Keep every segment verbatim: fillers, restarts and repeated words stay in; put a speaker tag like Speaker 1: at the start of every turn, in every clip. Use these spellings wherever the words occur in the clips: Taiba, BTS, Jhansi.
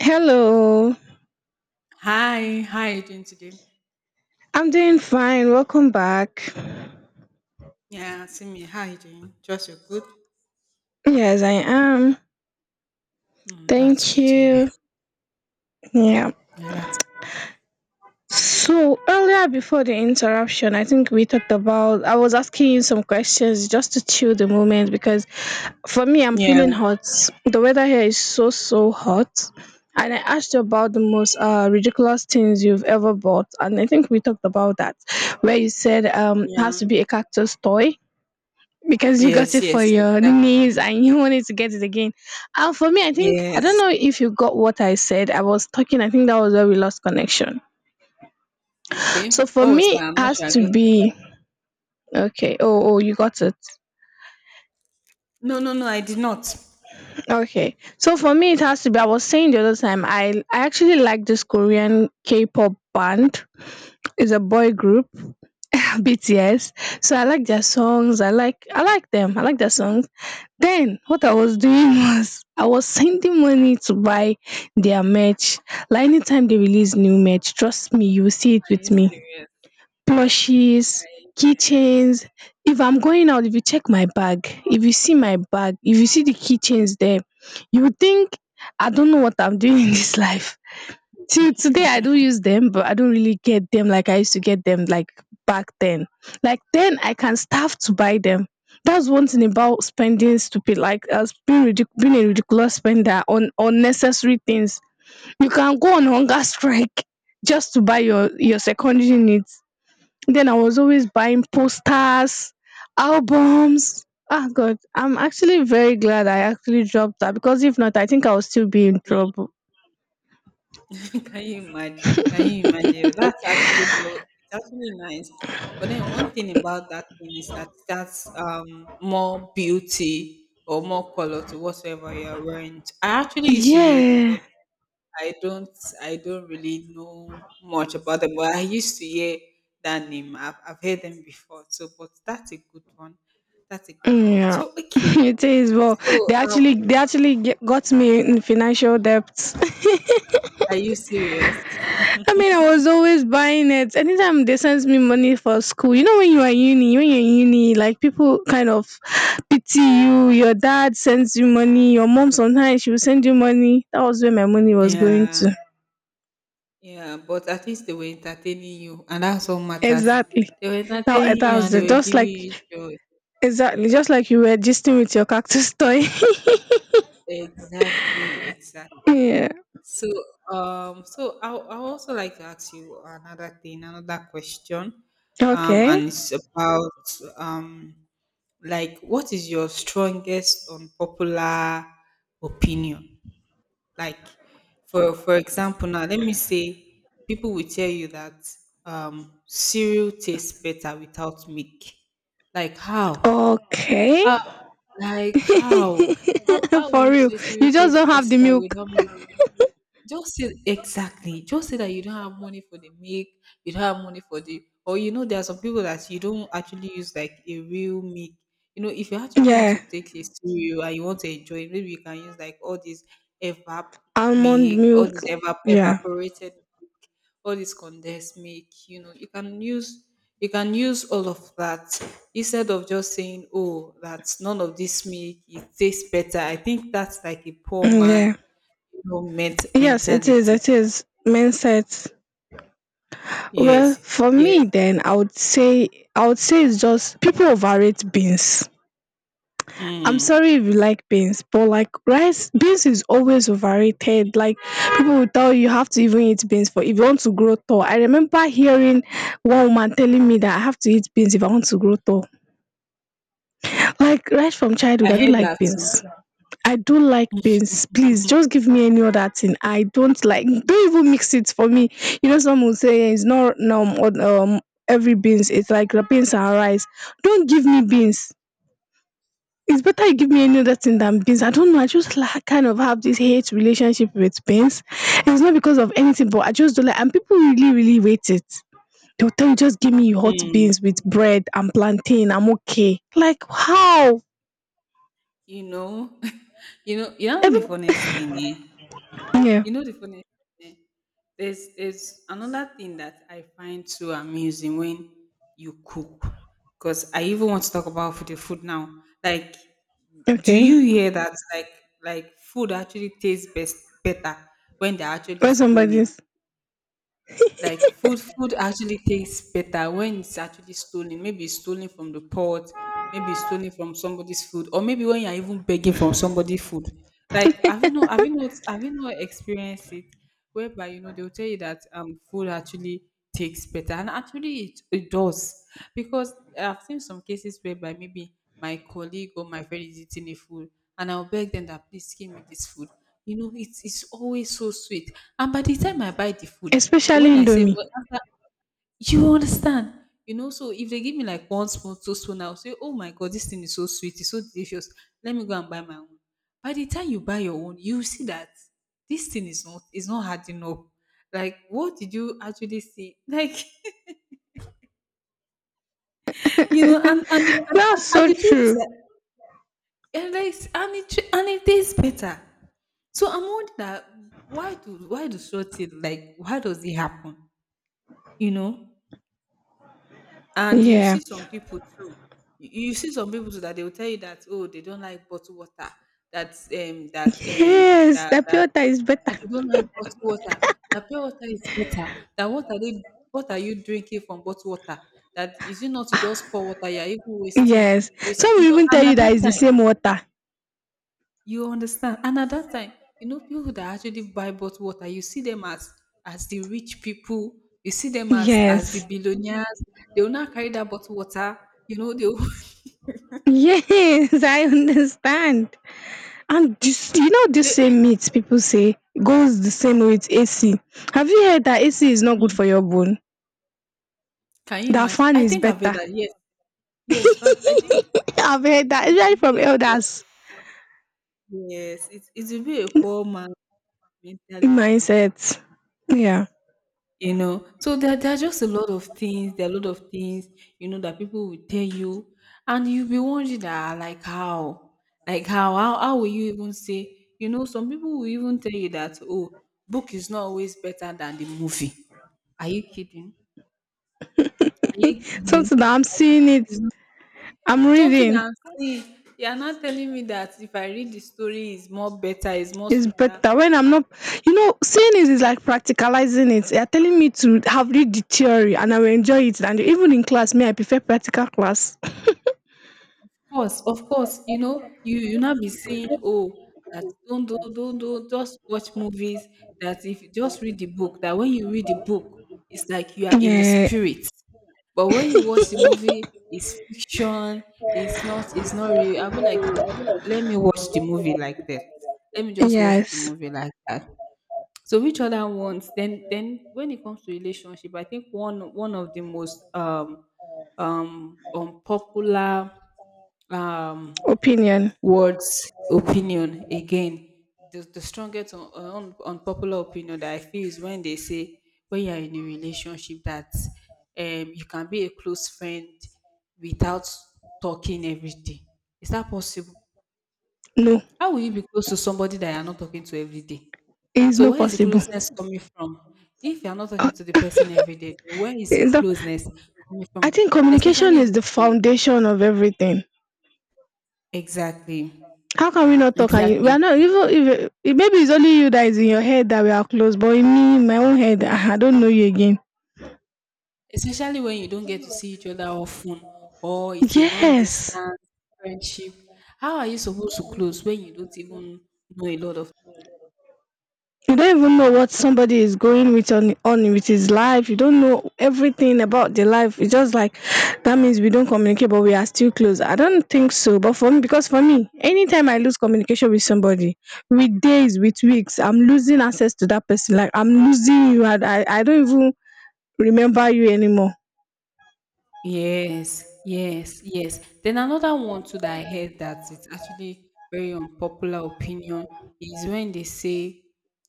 Speaker 1: Hello,
Speaker 2: Hi, how are you doing today?
Speaker 1: I'm doing fine. Welcome back.
Speaker 2: Yeah, see me. How are you doing? Just you good?
Speaker 1: Yes, I am.
Speaker 2: Mm, that's
Speaker 1: Thank
Speaker 2: good to hear.
Speaker 1: you. Yeah.
Speaker 2: Yeah, that's,
Speaker 1: So earlier before the interruption, I think we talked about I was asking you some questions just to chill the moment because for me I'm
Speaker 2: yeah,
Speaker 1: feeling hot. The weather here is so so hot. And I asked you about the most uh, ridiculous things you've ever bought, and I think we talked about that, where you said um it has
Speaker 2: yeah.
Speaker 1: to be a cactus toy. Because you got
Speaker 2: Yes,
Speaker 1: it for
Speaker 2: yes,
Speaker 1: your
Speaker 2: exactly.
Speaker 1: knees and you wanted to get it again. And for me, I think, I don't
Speaker 2: Yes.
Speaker 1: know if you got what I said. I was talking, I think that was where we lost connection. So
Speaker 2: Okay.
Speaker 1: for
Speaker 2: Oh, was
Speaker 1: me,
Speaker 2: that?
Speaker 1: it
Speaker 2: I'm not
Speaker 1: has
Speaker 2: sure I got
Speaker 1: to
Speaker 2: it.
Speaker 1: be, okay, oh, oh, you got it.
Speaker 2: No, no, no, I did not.
Speaker 1: Okay. So for me, it has to be, I was saying the other time, I, I actually like this Korean K pop band. It's a boy group, B T S. So I like their songs. I like I like them. I like their songs. Then what I was doing was I was sending money to buy their merch. Like anytime they release new merch, trust me, you will see it
Speaker 2: Are
Speaker 1: with
Speaker 2: you
Speaker 1: me.
Speaker 2: serious? Are
Speaker 1: Plushies,
Speaker 2: you serious?
Speaker 1: keychains. If I'm going out, if you check my bag, if you see my bag, if you see the keychains there, you will think I don't know what I'm doing in this life. Till today I don use them, but I don't really get them like I used to get them, like back then. Like then I can starve to buy them. That's one thing about spending stupid, like uh, being, ridic- being a ridiculous spender on unnecessary things. You can go on hunger strike just to buy your your secondary needs. Then I was always buying posters, albums. Ah god, I'm actually very glad I actually dropped that because if not, I think I would still be in trouble.
Speaker 2: Can you imagine? Can you imagine? That's actually low. It's actually nice. But then one thing about that thing is that that's um more beauty or more color to whatever you are wearing. I actually used to hear them,
Speaker 1: Yeah.
Speaker 2: but I don't I don't really know much about them. But I used to hear that name. I've, I've heard them before. So but that's a good one. That's a good one.
Speaker 1: Yeah,
Speaker 2: So okay.
Speaker 1: it is. Well,
Speaker 2: So
Speaker 1: they
Speaker 2: um
Speaker 1: actually they actually ge- got me in financial debts.
Speaker 2: are you serious?
Speaker 1: I mean, I was always buying it. Anytime they sent me money for school, you know, when you are uni, when you're in uni, like people kind of pity you. Your dad sends you money. Your mom sometimes she will send you money. That was where my money was going
Speaker 2: Yeah.
Speaker 1: to.
Speaker 2: Yeah, but at least they were entertaining you, and that's all matters.
Speaker 1: Exactly.
Speaker 2: They were
Speaker 1: Now that
Speaker 2: entertaining you,
Speaker 1: that
Speaker 2: and
Speaker 1: was
Speaker 2: they
Speaker 1: it.
Speaker 2: were
Speaker 1: Just
Speaker 2: giving
Speaker 1: like
Speaker 2: you joy.
Speaker 1: exactly, just like you were gisting with your cactus toy.
Speaker 2: Exactly, exactly.
Speaker 1: Yeah.
Speaker 2: So, um, so I I also like to ask you another thing, another question, um,
Speaker 1: Okay.
Speaker 2: and it's about um, like what is your strongest unpopular opinion? Like for for example now, let me say people will tell you that um cereal tastes better without milk. Like how?
Speaker 1: Okay.
Speaker 2: How like how? How how will
Speaker 1: For
Speaker 2: you
Speaker 1: real.
Speaker 2: say cereal
Speaker 1: You just
Speaker 2: tastes
Speaker 1: don't have the
Speaker 2: better
Speaker 1: milk.
Speaker 2: without milk? Just say exactly. Just say that you don't have money for the milk, you don't have money for the, or you know, there are some people that you don't actually use like a real milk. You know, if you actually want
Speaker 1: Yeah,
Speaker 2: to take it cereal and you want to enjoy it, maybe you can use like all this evap
Speaker 1: almond
Speaker 2: milk, all
Speaker 1: milk.
Speaker 2: this evap
Speaker 1: Yeah,
Speaker 2: evaporated milk, all this condensed milk. You know, you can use you can use all of that instead of just saying, "Oh, that none of this milk. It tastes better." I think that's like a poor
Speaker 1: mm,
Speaker 2: man
Speaker 1: yeah.
Speaker 2: no, ment
Speaker 1: Yes, it is.
Speaker 2: mentality.
Speaker 1: It is mindsets. Well,
Speaker 2: Yes,
Speaker 1: for
Speaker 2: yes.
Speaker 1: me, then I would say I would say it's just people overrate beans. I'm
Speaker 2: Mm.
Speaker 1: sorry if you like beans, but like rice, beans is always overrated. Like people will tell you, you have to even eat beans for if you want to grow tall. I remember hearing one woman telling me that I have to eat beans if I want to grow tall. Like right from
Speaker 2: I
Speaker 1: childhood, I don't
Speaker 2: heard
Speaker 1: like
Speaker 2: that too.
Speaker 1: beans. I don't like beans. Please just give me any other thing. I don't like. Don't even mix it for me. You know, some will say, "Eh, it's not um, um every beans. It's like the beans and rice. Don't give me beans. It's better you give me any other thing than beans. I don't know. I just like, kind of have this hate relationship with beans. It's not because of anything, but I just don't like. And people really, really hate it. They'll tell you just give me hot
Speaker 2: Mm.
Speaker 1: beans with bread and plantain. I'm okay. Like how?
Speaker 2: You know, you know, you know the
Speaker 1: Every
Speaker 2: funniest thing, eh?
Speaker 1: yeah.
Speaker 2: You know the funniest thing, eh? There's there's another thing that I find so amusing when you cook. Because I even want to talk about food, the food now. Like, do
Speaker 1: Okay.
Speaker 2: you hear that like like food actually tastes best better when they're actually
Speaker 1: Where's
Speaker 2: stolen?
Speaker 1: somebody's?
Speaker 2: Like food, food actually tastes better when it's actually stolen. Maybe it's stolen from the pot, maybe it's stolen from somebody's food, or maybe when you're even begging from somebody's food. Like, have you not, have you not, have you not experienced it? Whereby you know they'll tell you that um food actually takes better, and actually it, it does because I've seen some cases whereby maybe my colleague or my friend is eating a food, and I'll beg them that please give me this food. You know, it's it's always so sweet, and by the time I buy the food,
Speaker 1: Especially
Speaker 2: when I say
Speaker 1: indomie.
Speaker 2: well, after you understand? You know, so if they give me like one spoon, two spoon, I'll say, oh my God, this thing is so sweet, it's so delicious. Let me go and buy my own. By the time you buy your own, you see that this thing is not is not hard enough. Like, what did you actually see? Like, you know, and and the, and, and
Speaker 1: That's
Speaker 2: and
Speaker 1: so
Speaker 2: the
Speaker 1: true.
Speaker 2: truth, and like, and it tr- and it tastes better. So I'm wondering that why do why do short thing, like why does it happen? You know? And you
Speaker 1: Yeah.
Speaker 2: see some people too. You you see some people too that they will tell you that oh they don't like bottled water. That um that um
Speaker 1: Yes,
Speaker 2: that
Speaker 1: the pure
Speaker 2: that
Speaker 1: water is
Speaker 2: that
Speaker 1: better.
Speaker 2: you don't like bottled water. That pure water is better. That what are they, what are you drinking from bottled water? That is it not to just pour water? You are even wasting,
Speaker 1: Yes,
Speaker 2: wasting.
Speaker 1: some will
Speaker 2: You know,
Speaker 1: even tell
Speaker 2: and
Speaker 1: you
Speaker 2: at
Speaker 1: that
Speaker 2: that
Speaker 1: it's the
Speaker 2: time
Speaker 1: same water.
Speaker 2: you understand? And at that time, you know, people that actually buy bottled water, you see them as as the rich people, you see them as as the
Speaker 1: Yes,
Speaker 2: billionaires. They will not carry that bottled water. You know, they will,
Speaker 1: yes. I understand. And this, you know this
Speaker 2: they-
Speaker 1: same meat people say, goes the same way with ac. Have you heard that ac is not good
Speaker 2: Mm.
Speaker 1: for your bone?
Speaker 2: Can you
Speaker 1: That
Speaker 2: imagine?
Speaker 1: fan
Speaker 2: I
Speaker 1: is
Speaker 2: think I've heard
Speaker 1: better.
Speaker 2: that. Yes, yes, but I think
Speaker 1: I've heard
Speaker 2: it's,
Speaker 1: that,
Speaker 2: it's,
Speaker 1: especially from
Speaker 2: it's,
Speaker 1: elders.
Speaker 2: yes, it's, it will be a poor man
Speaker 1: In
Speaker 2: mentality.
Speaker 1: mindset. Yeah.
Speaker 2: You know, so there, there are just a lot of things there are a lot of things you know that people will tell you, and you'll be wondering that like how like how how, how will you even say? You know, some people will even tell you that, "Oh, book is not always better than the movie." Are you kidding? Are you kidding?
Speaker 1: Something that I'm
Speaker 2: Like, the
Speaker 1: seeing,
Speaker 2: book
Speaker 1: it
Speaker 2: is not-
Speaker 1: I'm
Speaker 2: something
Speaker 1: reading.
Speaker 2: that I'm seeing. You're not telling me that if I read the story, is more better, is more
Speaker 1: It's
Speaker 2: sweeter?
Speaker 1: better when I'm not, you know, seeing it is like practicalizing it. They are telling me to have read the theory and I will enjoy it, and even in class me I prefer practical class.
Speaker 2: Course, of course, you know, you you now be saying, oh, that don't do don't do just watch movies. That if you just read the book, that when you read the book, it's like you are in the
Speaker 1: Yeah.
Speaker 2: spirit. But when you watch the movie, it's fiction. It's not. It's not real. I'll be like, let me watch the movie like that. Let me just watch the
Speaker 1: Yes.
Speaker 2: movie like that. So which other ones? Then then when it comes to relationship, I think one one of the most um um unpopular um
Speaker 1: Opinion.
Speaker 2: words, opinion again. The, the strongest un, un, unpopular opinion that I feel is when they say, when you're in a relationship, that um, you can be a close friend without talking every day. Is that possible?
Speaker 1: No.
Speaker 2: How will you be close to somebody that you're not talking to every day?
Speaker 1: It is
Speaker 2: So
Speaker 1: not
Speaker 2: where is the
Speaker 1: possible.
Speaker 2: closeness coming from? If you're not
Speaker 1: Uh,
Speaker 2: talking to the person every day, then where is the
Speaker 1: It's not.
Speaker 2: closeness coming
Speaker 1: I
Speaker 2: from?
Speaker 1: think communication
Speaker 2: Especially if
Speaker 1: is the
Speaker 2: it's a,
Speaker 1: foundation of everything.
Speaker 2: exactly,
Speaker 1: How can we not talk? And you, we
Speaker 2: exactly.
Speaker 1: are not, even if if- maybe it's only you that is in your head that we are close, but in me, in my own head, ah, I don't know you again.
Speaker 2: Especially when you don't get to see each other often, or it's a long
Speaker 1: Yes.
Speaker 2: distance friendship. How are you supposed to close when you don't even know a lot of.
Speaker 1: You don't even know what somebody is going with on, on with his life. You don't know everything about the life. It's just like that means we don't communicate, but we are still close. I don't think so. But for me, because for me, anytime I lose communication with somebody, with days, with weeks, I'm losing access to that person. Like I'm losing you. I, I, I don't even remember you anymore.
Speaker 2: Yes, yes, yes. Then another one too that I heard that it's actually very unpopular opinion is when they say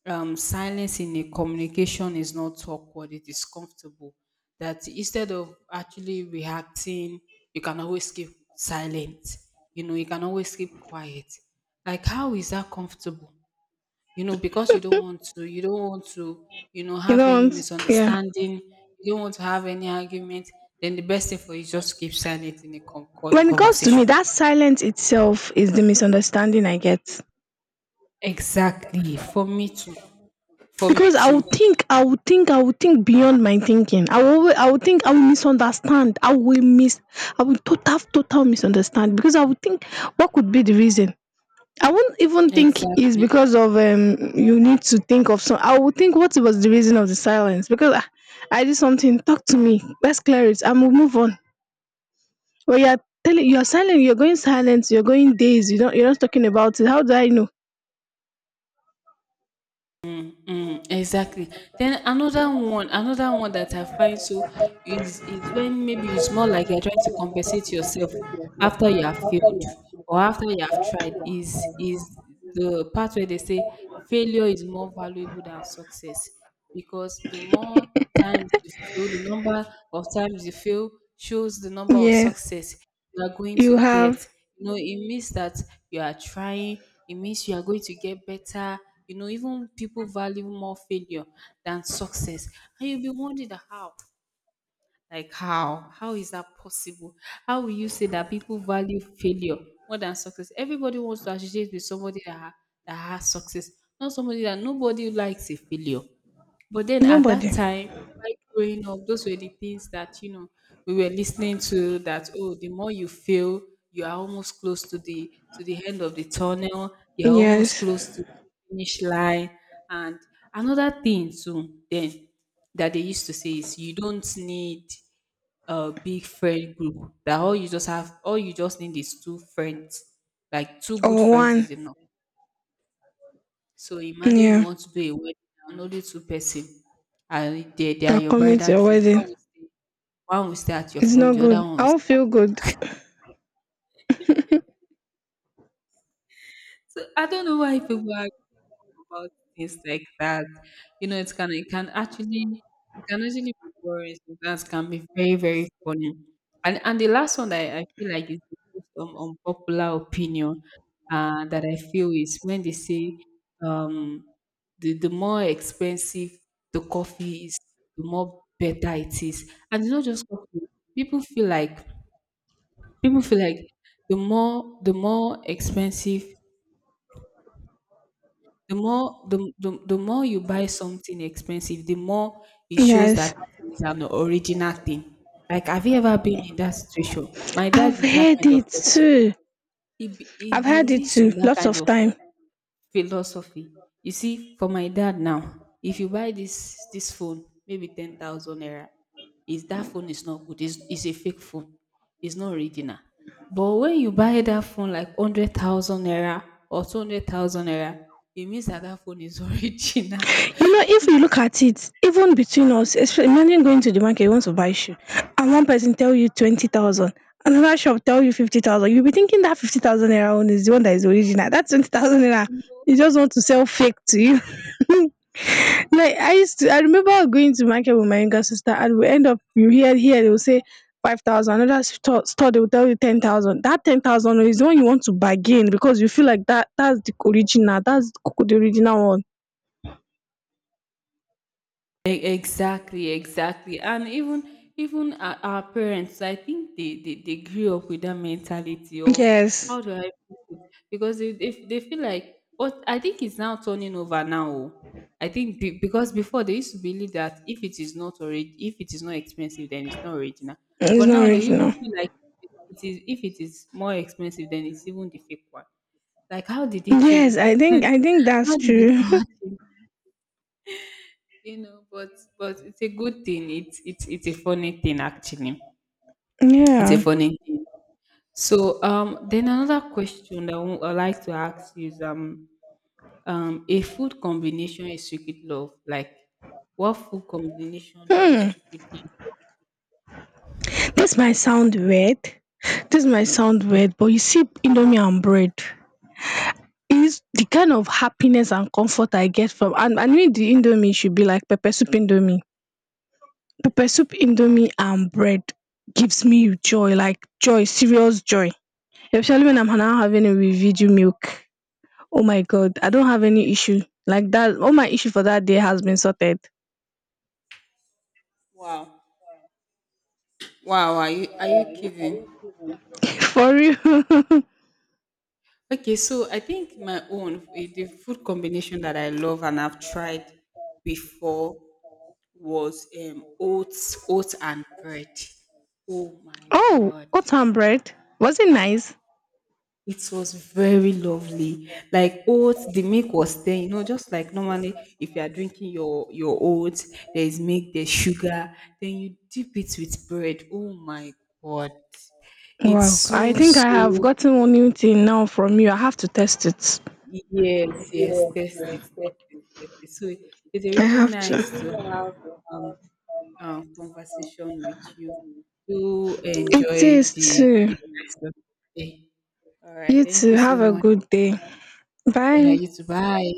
Speaker 2: um, silence in a communication is not awkward, it is comfortable. That instead of actually reacting, you can always keep silent. You know, you can always keep quiet. Like, how is that comfortable? You know, because you don't want to you don't want to you know
Speaker 1: You
Speaker 2: have any
Speaker 1: know, yeah.
Speaker 2: misunderstanding, you don't want to have any argument, then the best thing for you is just keep silent in a con- con-
Speaker 1: When it comes to me,
Speaker 2: conversation
Speaker 1: that silence itself is the misunderstanding I get.
Speaker 2: Exactly, for me too, for me
Speaker 1: Because I
Speaker 2: too
Speaker 1: would think, I would think, I would think beyond my thinking. I will, I would think, I will misunderstand. I will miss, I will total, total misunderstand because I would think, what could be the reason? I won't even think is
Speaker 2: Exactly.
Speaker 1: because of um you need to think of some. I would think what was the reason of the silence, because I, I did something. Talk to me. Let's clear it. I will move on. But you're telling, you're silent. You're going silent. You're going days. You don't. You're not talking about it. How do I know?
Speaker 2: Mm, exactly. Then another one, another one that I find so is is when maybe it's more like you're trying to compensate yourself after you have failed or after you have tried, is is the part where they say failure is more valuable than success, because the more times you fail, the number of times you fail shows the number of
Speaker 1: Yes,
Speaker 2: success you are going to
Speaker 1: you
Speaker 2: get.
Speaker 1: have
Speaker 2: You know, it means that you are trying, it means you are going to get better. You know, even people value more failure than success. And you'll be wondering that how? Like how? How is that possible? How will you say that people value failure more than success? Everybody wants to associate with somebody that, ha- that has success, not somebody that, nobody likes a failure. But then at that
Speaker 1: nobody.
Speaker 2: time, while growing up, those were the things that, you know, we were listening to, that, oh, the more you fail, you are almost close to the to the end of the tunnel, you're almost
Speaker 1: Yes,
Speaker 2: close to the finish line. And another thing too then that they used to say is you don't need a big friend group. That all you just have all you just need is two friends. Like two good
Speaker 1: or
Speaker 2: friends
Speaker 1: one.
Speaker 2: is enough, so imagine you
Speaker 1: Yeah,
Speaker 2: want to do a wedding and only two person, and they, they are
Speaker 1: they're
Speaker 2: your
Speaker 1: coming to
Speaker 2: bridal
Speaker 1: your
Speaker 2: trip.
Speaker 1: wedding.
Speaker 2: One will stay, one will stay at your
Speaker 1: It's
Speaker 2: front,
Speaker 1: not
Speaker 2: the other
Speaker 1: good.
Speaker 2: one
Speaker 1: I
Speaker 2: will
Speaker 1: do
Speaker 2: stay
Speaker 1: not
Speaker 2: at
Speaker 1: feel
Speaker 2: your.
Speaker 1: good.
Speaker 2: So I don't know why people are about things like that. You know, it can it can actually it can actually be boring. Sometimes can be very very funny. And and the last one that I, I feel like is the most um, unpopular opinion, uh, that I feel, is when they say um, the the more expensive the coffee is, the more better it is. And it's not just coffee. People feel like people feel like the more the more expensive. The more the, the the more you buy something expensive, the more it shows that
Speaker 1: Yes,
Speaker 2: that is an original thing. Like, have you ever been in that situation? My dad
Speaker 1: I've
Speaker 2: is that
Speaker 1: heard
Speaker 2: kind of
Speaker 1: it
Speaker 2: person.
Speaker 1: too.
Speaker 2: He, be- he
Speaker 1: I've heard it
Speaker 2: believes
Speaker 1: too,
Speaker 2: in that
Speaker 1: lots
Speaker 2: kind
Speaker 1: of
Speaker 2: of
Speaker 1: time.
Speaker 2: philosophy. You see, for my dad now, if you buy this this phone, maybe ten thousand naira, is that phone is not good. It's, it's a fake phone. It's not original. But when you buy that phone like hundred thousand naira or two hundred thousand naira, it means that that phone is original.
Speaker 1: You know, if you look at it, even between us, espe- imagine going to the market, you want to buy shoe, and one person tell you twenty thousand, another shop tell you fifty thousand. You'll be thinking that fifty thousand naira one is the one that is original. That twenty thousand naira, you just want to sell fake to you. Like I used to I remember going to market with my younger sister, and we end up you hear here they will say five thousand, another store store they will tell you ten thousand. That ten thousand is the one you want to bargain because you feel like that that's the original, that's the original one.
Speaker 2: E- Exactly, exactly. And even even our, our parents, I think they, they they grew up with that mentality, or
Speaker 1: Yes,
Speaker 2: how do I put it? Because they, they, they feel like, but I think it's now turning over now. Oh. I think be, because before they used to believe that if it is not already if it is not expensive then it's not original.
Speaker 1: it's
Speaker 2: But
Speaker 1: not
Speaker 2: now they even
Speaker 1: original.
Speaker 2: feel like, it is if it is more expensive then it's even the fake one. Like how did it change?
Speaker 1: Yes, I think I think
Speaker 2: How
Speaker 1: that's
Speaker 2: did it
Speaker 1: true.
Speaker 2: change? You know, but but it's a good thing. It's it's it's a funny thing actually. It's a
Speaker 1: Yeah.
Speaker 2: funny thing. So um, then another question that I would like to ask is um um a food combination is secret love. Like, what food combination do you
Speaker 1: Hmm.
Speaker 2: secretly
Speaker 1: This might sound weird. This might sound
Speaker 2: love?
Speaker 1: weird, but you see indomie and bread is the kind of happiness and comfort I get from, and and me the indomie should be like pepper soup indomie. Pepper soup indomie and bread gives me joy, like joy, serious joy, especially when I'm now having it with Viju milk. Oh my god, I
Speaker 2: Are you-
Speaker 1: don't have any issue. Like that, all my issue for that day has been sorted.
Speaker 2: Wow, wow! Are you are you kidding?
Speaker 1: For real.
Speaker 2: Okay, so I think my own, eh, the food combination that I love and I've tried before was um, oats, oats and bread. Oh my
Speaker 1: Oh,
Speaker 2: god.
Speaker 1: oat bread. Was it nice?
Speaker 2: It was very lovely. Like oats, the milk was there, you know, just like normally if you are drinking your your oats, there is milk, there's sugar, then you dip it with bread. Oh my god. It's
Speaker 1: Wow, I
Speaker 2: so,
Speaker 1: think I have
Speaker 2: so,
Speaker 1: gotten one new thing now from you. I have to test it.
Speaker 2: yes, yes, test it, test it, test it. So it's
Speaker 1: I
Speaker 2: really
Speaker 1: have
Speaker 2: nice to
Speaker 1: to.
Speaker 2: have um uh, conversation with you. Do
Speaker 1: It
Speaker 2: enjoy
Speaker 1: tastes
Speaker 2: the,
Speaker 1: too.
Speaker 2: the rest of the day. All right.
Speaker 1: You
Speaker 2: Thank
Speaker 1: too,
Speaker 2: you so
Speaker 1: have a
Speaker 2: much.
Speaker 1: good day.
Speaker 2: Yeah,
Speaker 1: Bye.
Speaker 2: you too. Bye.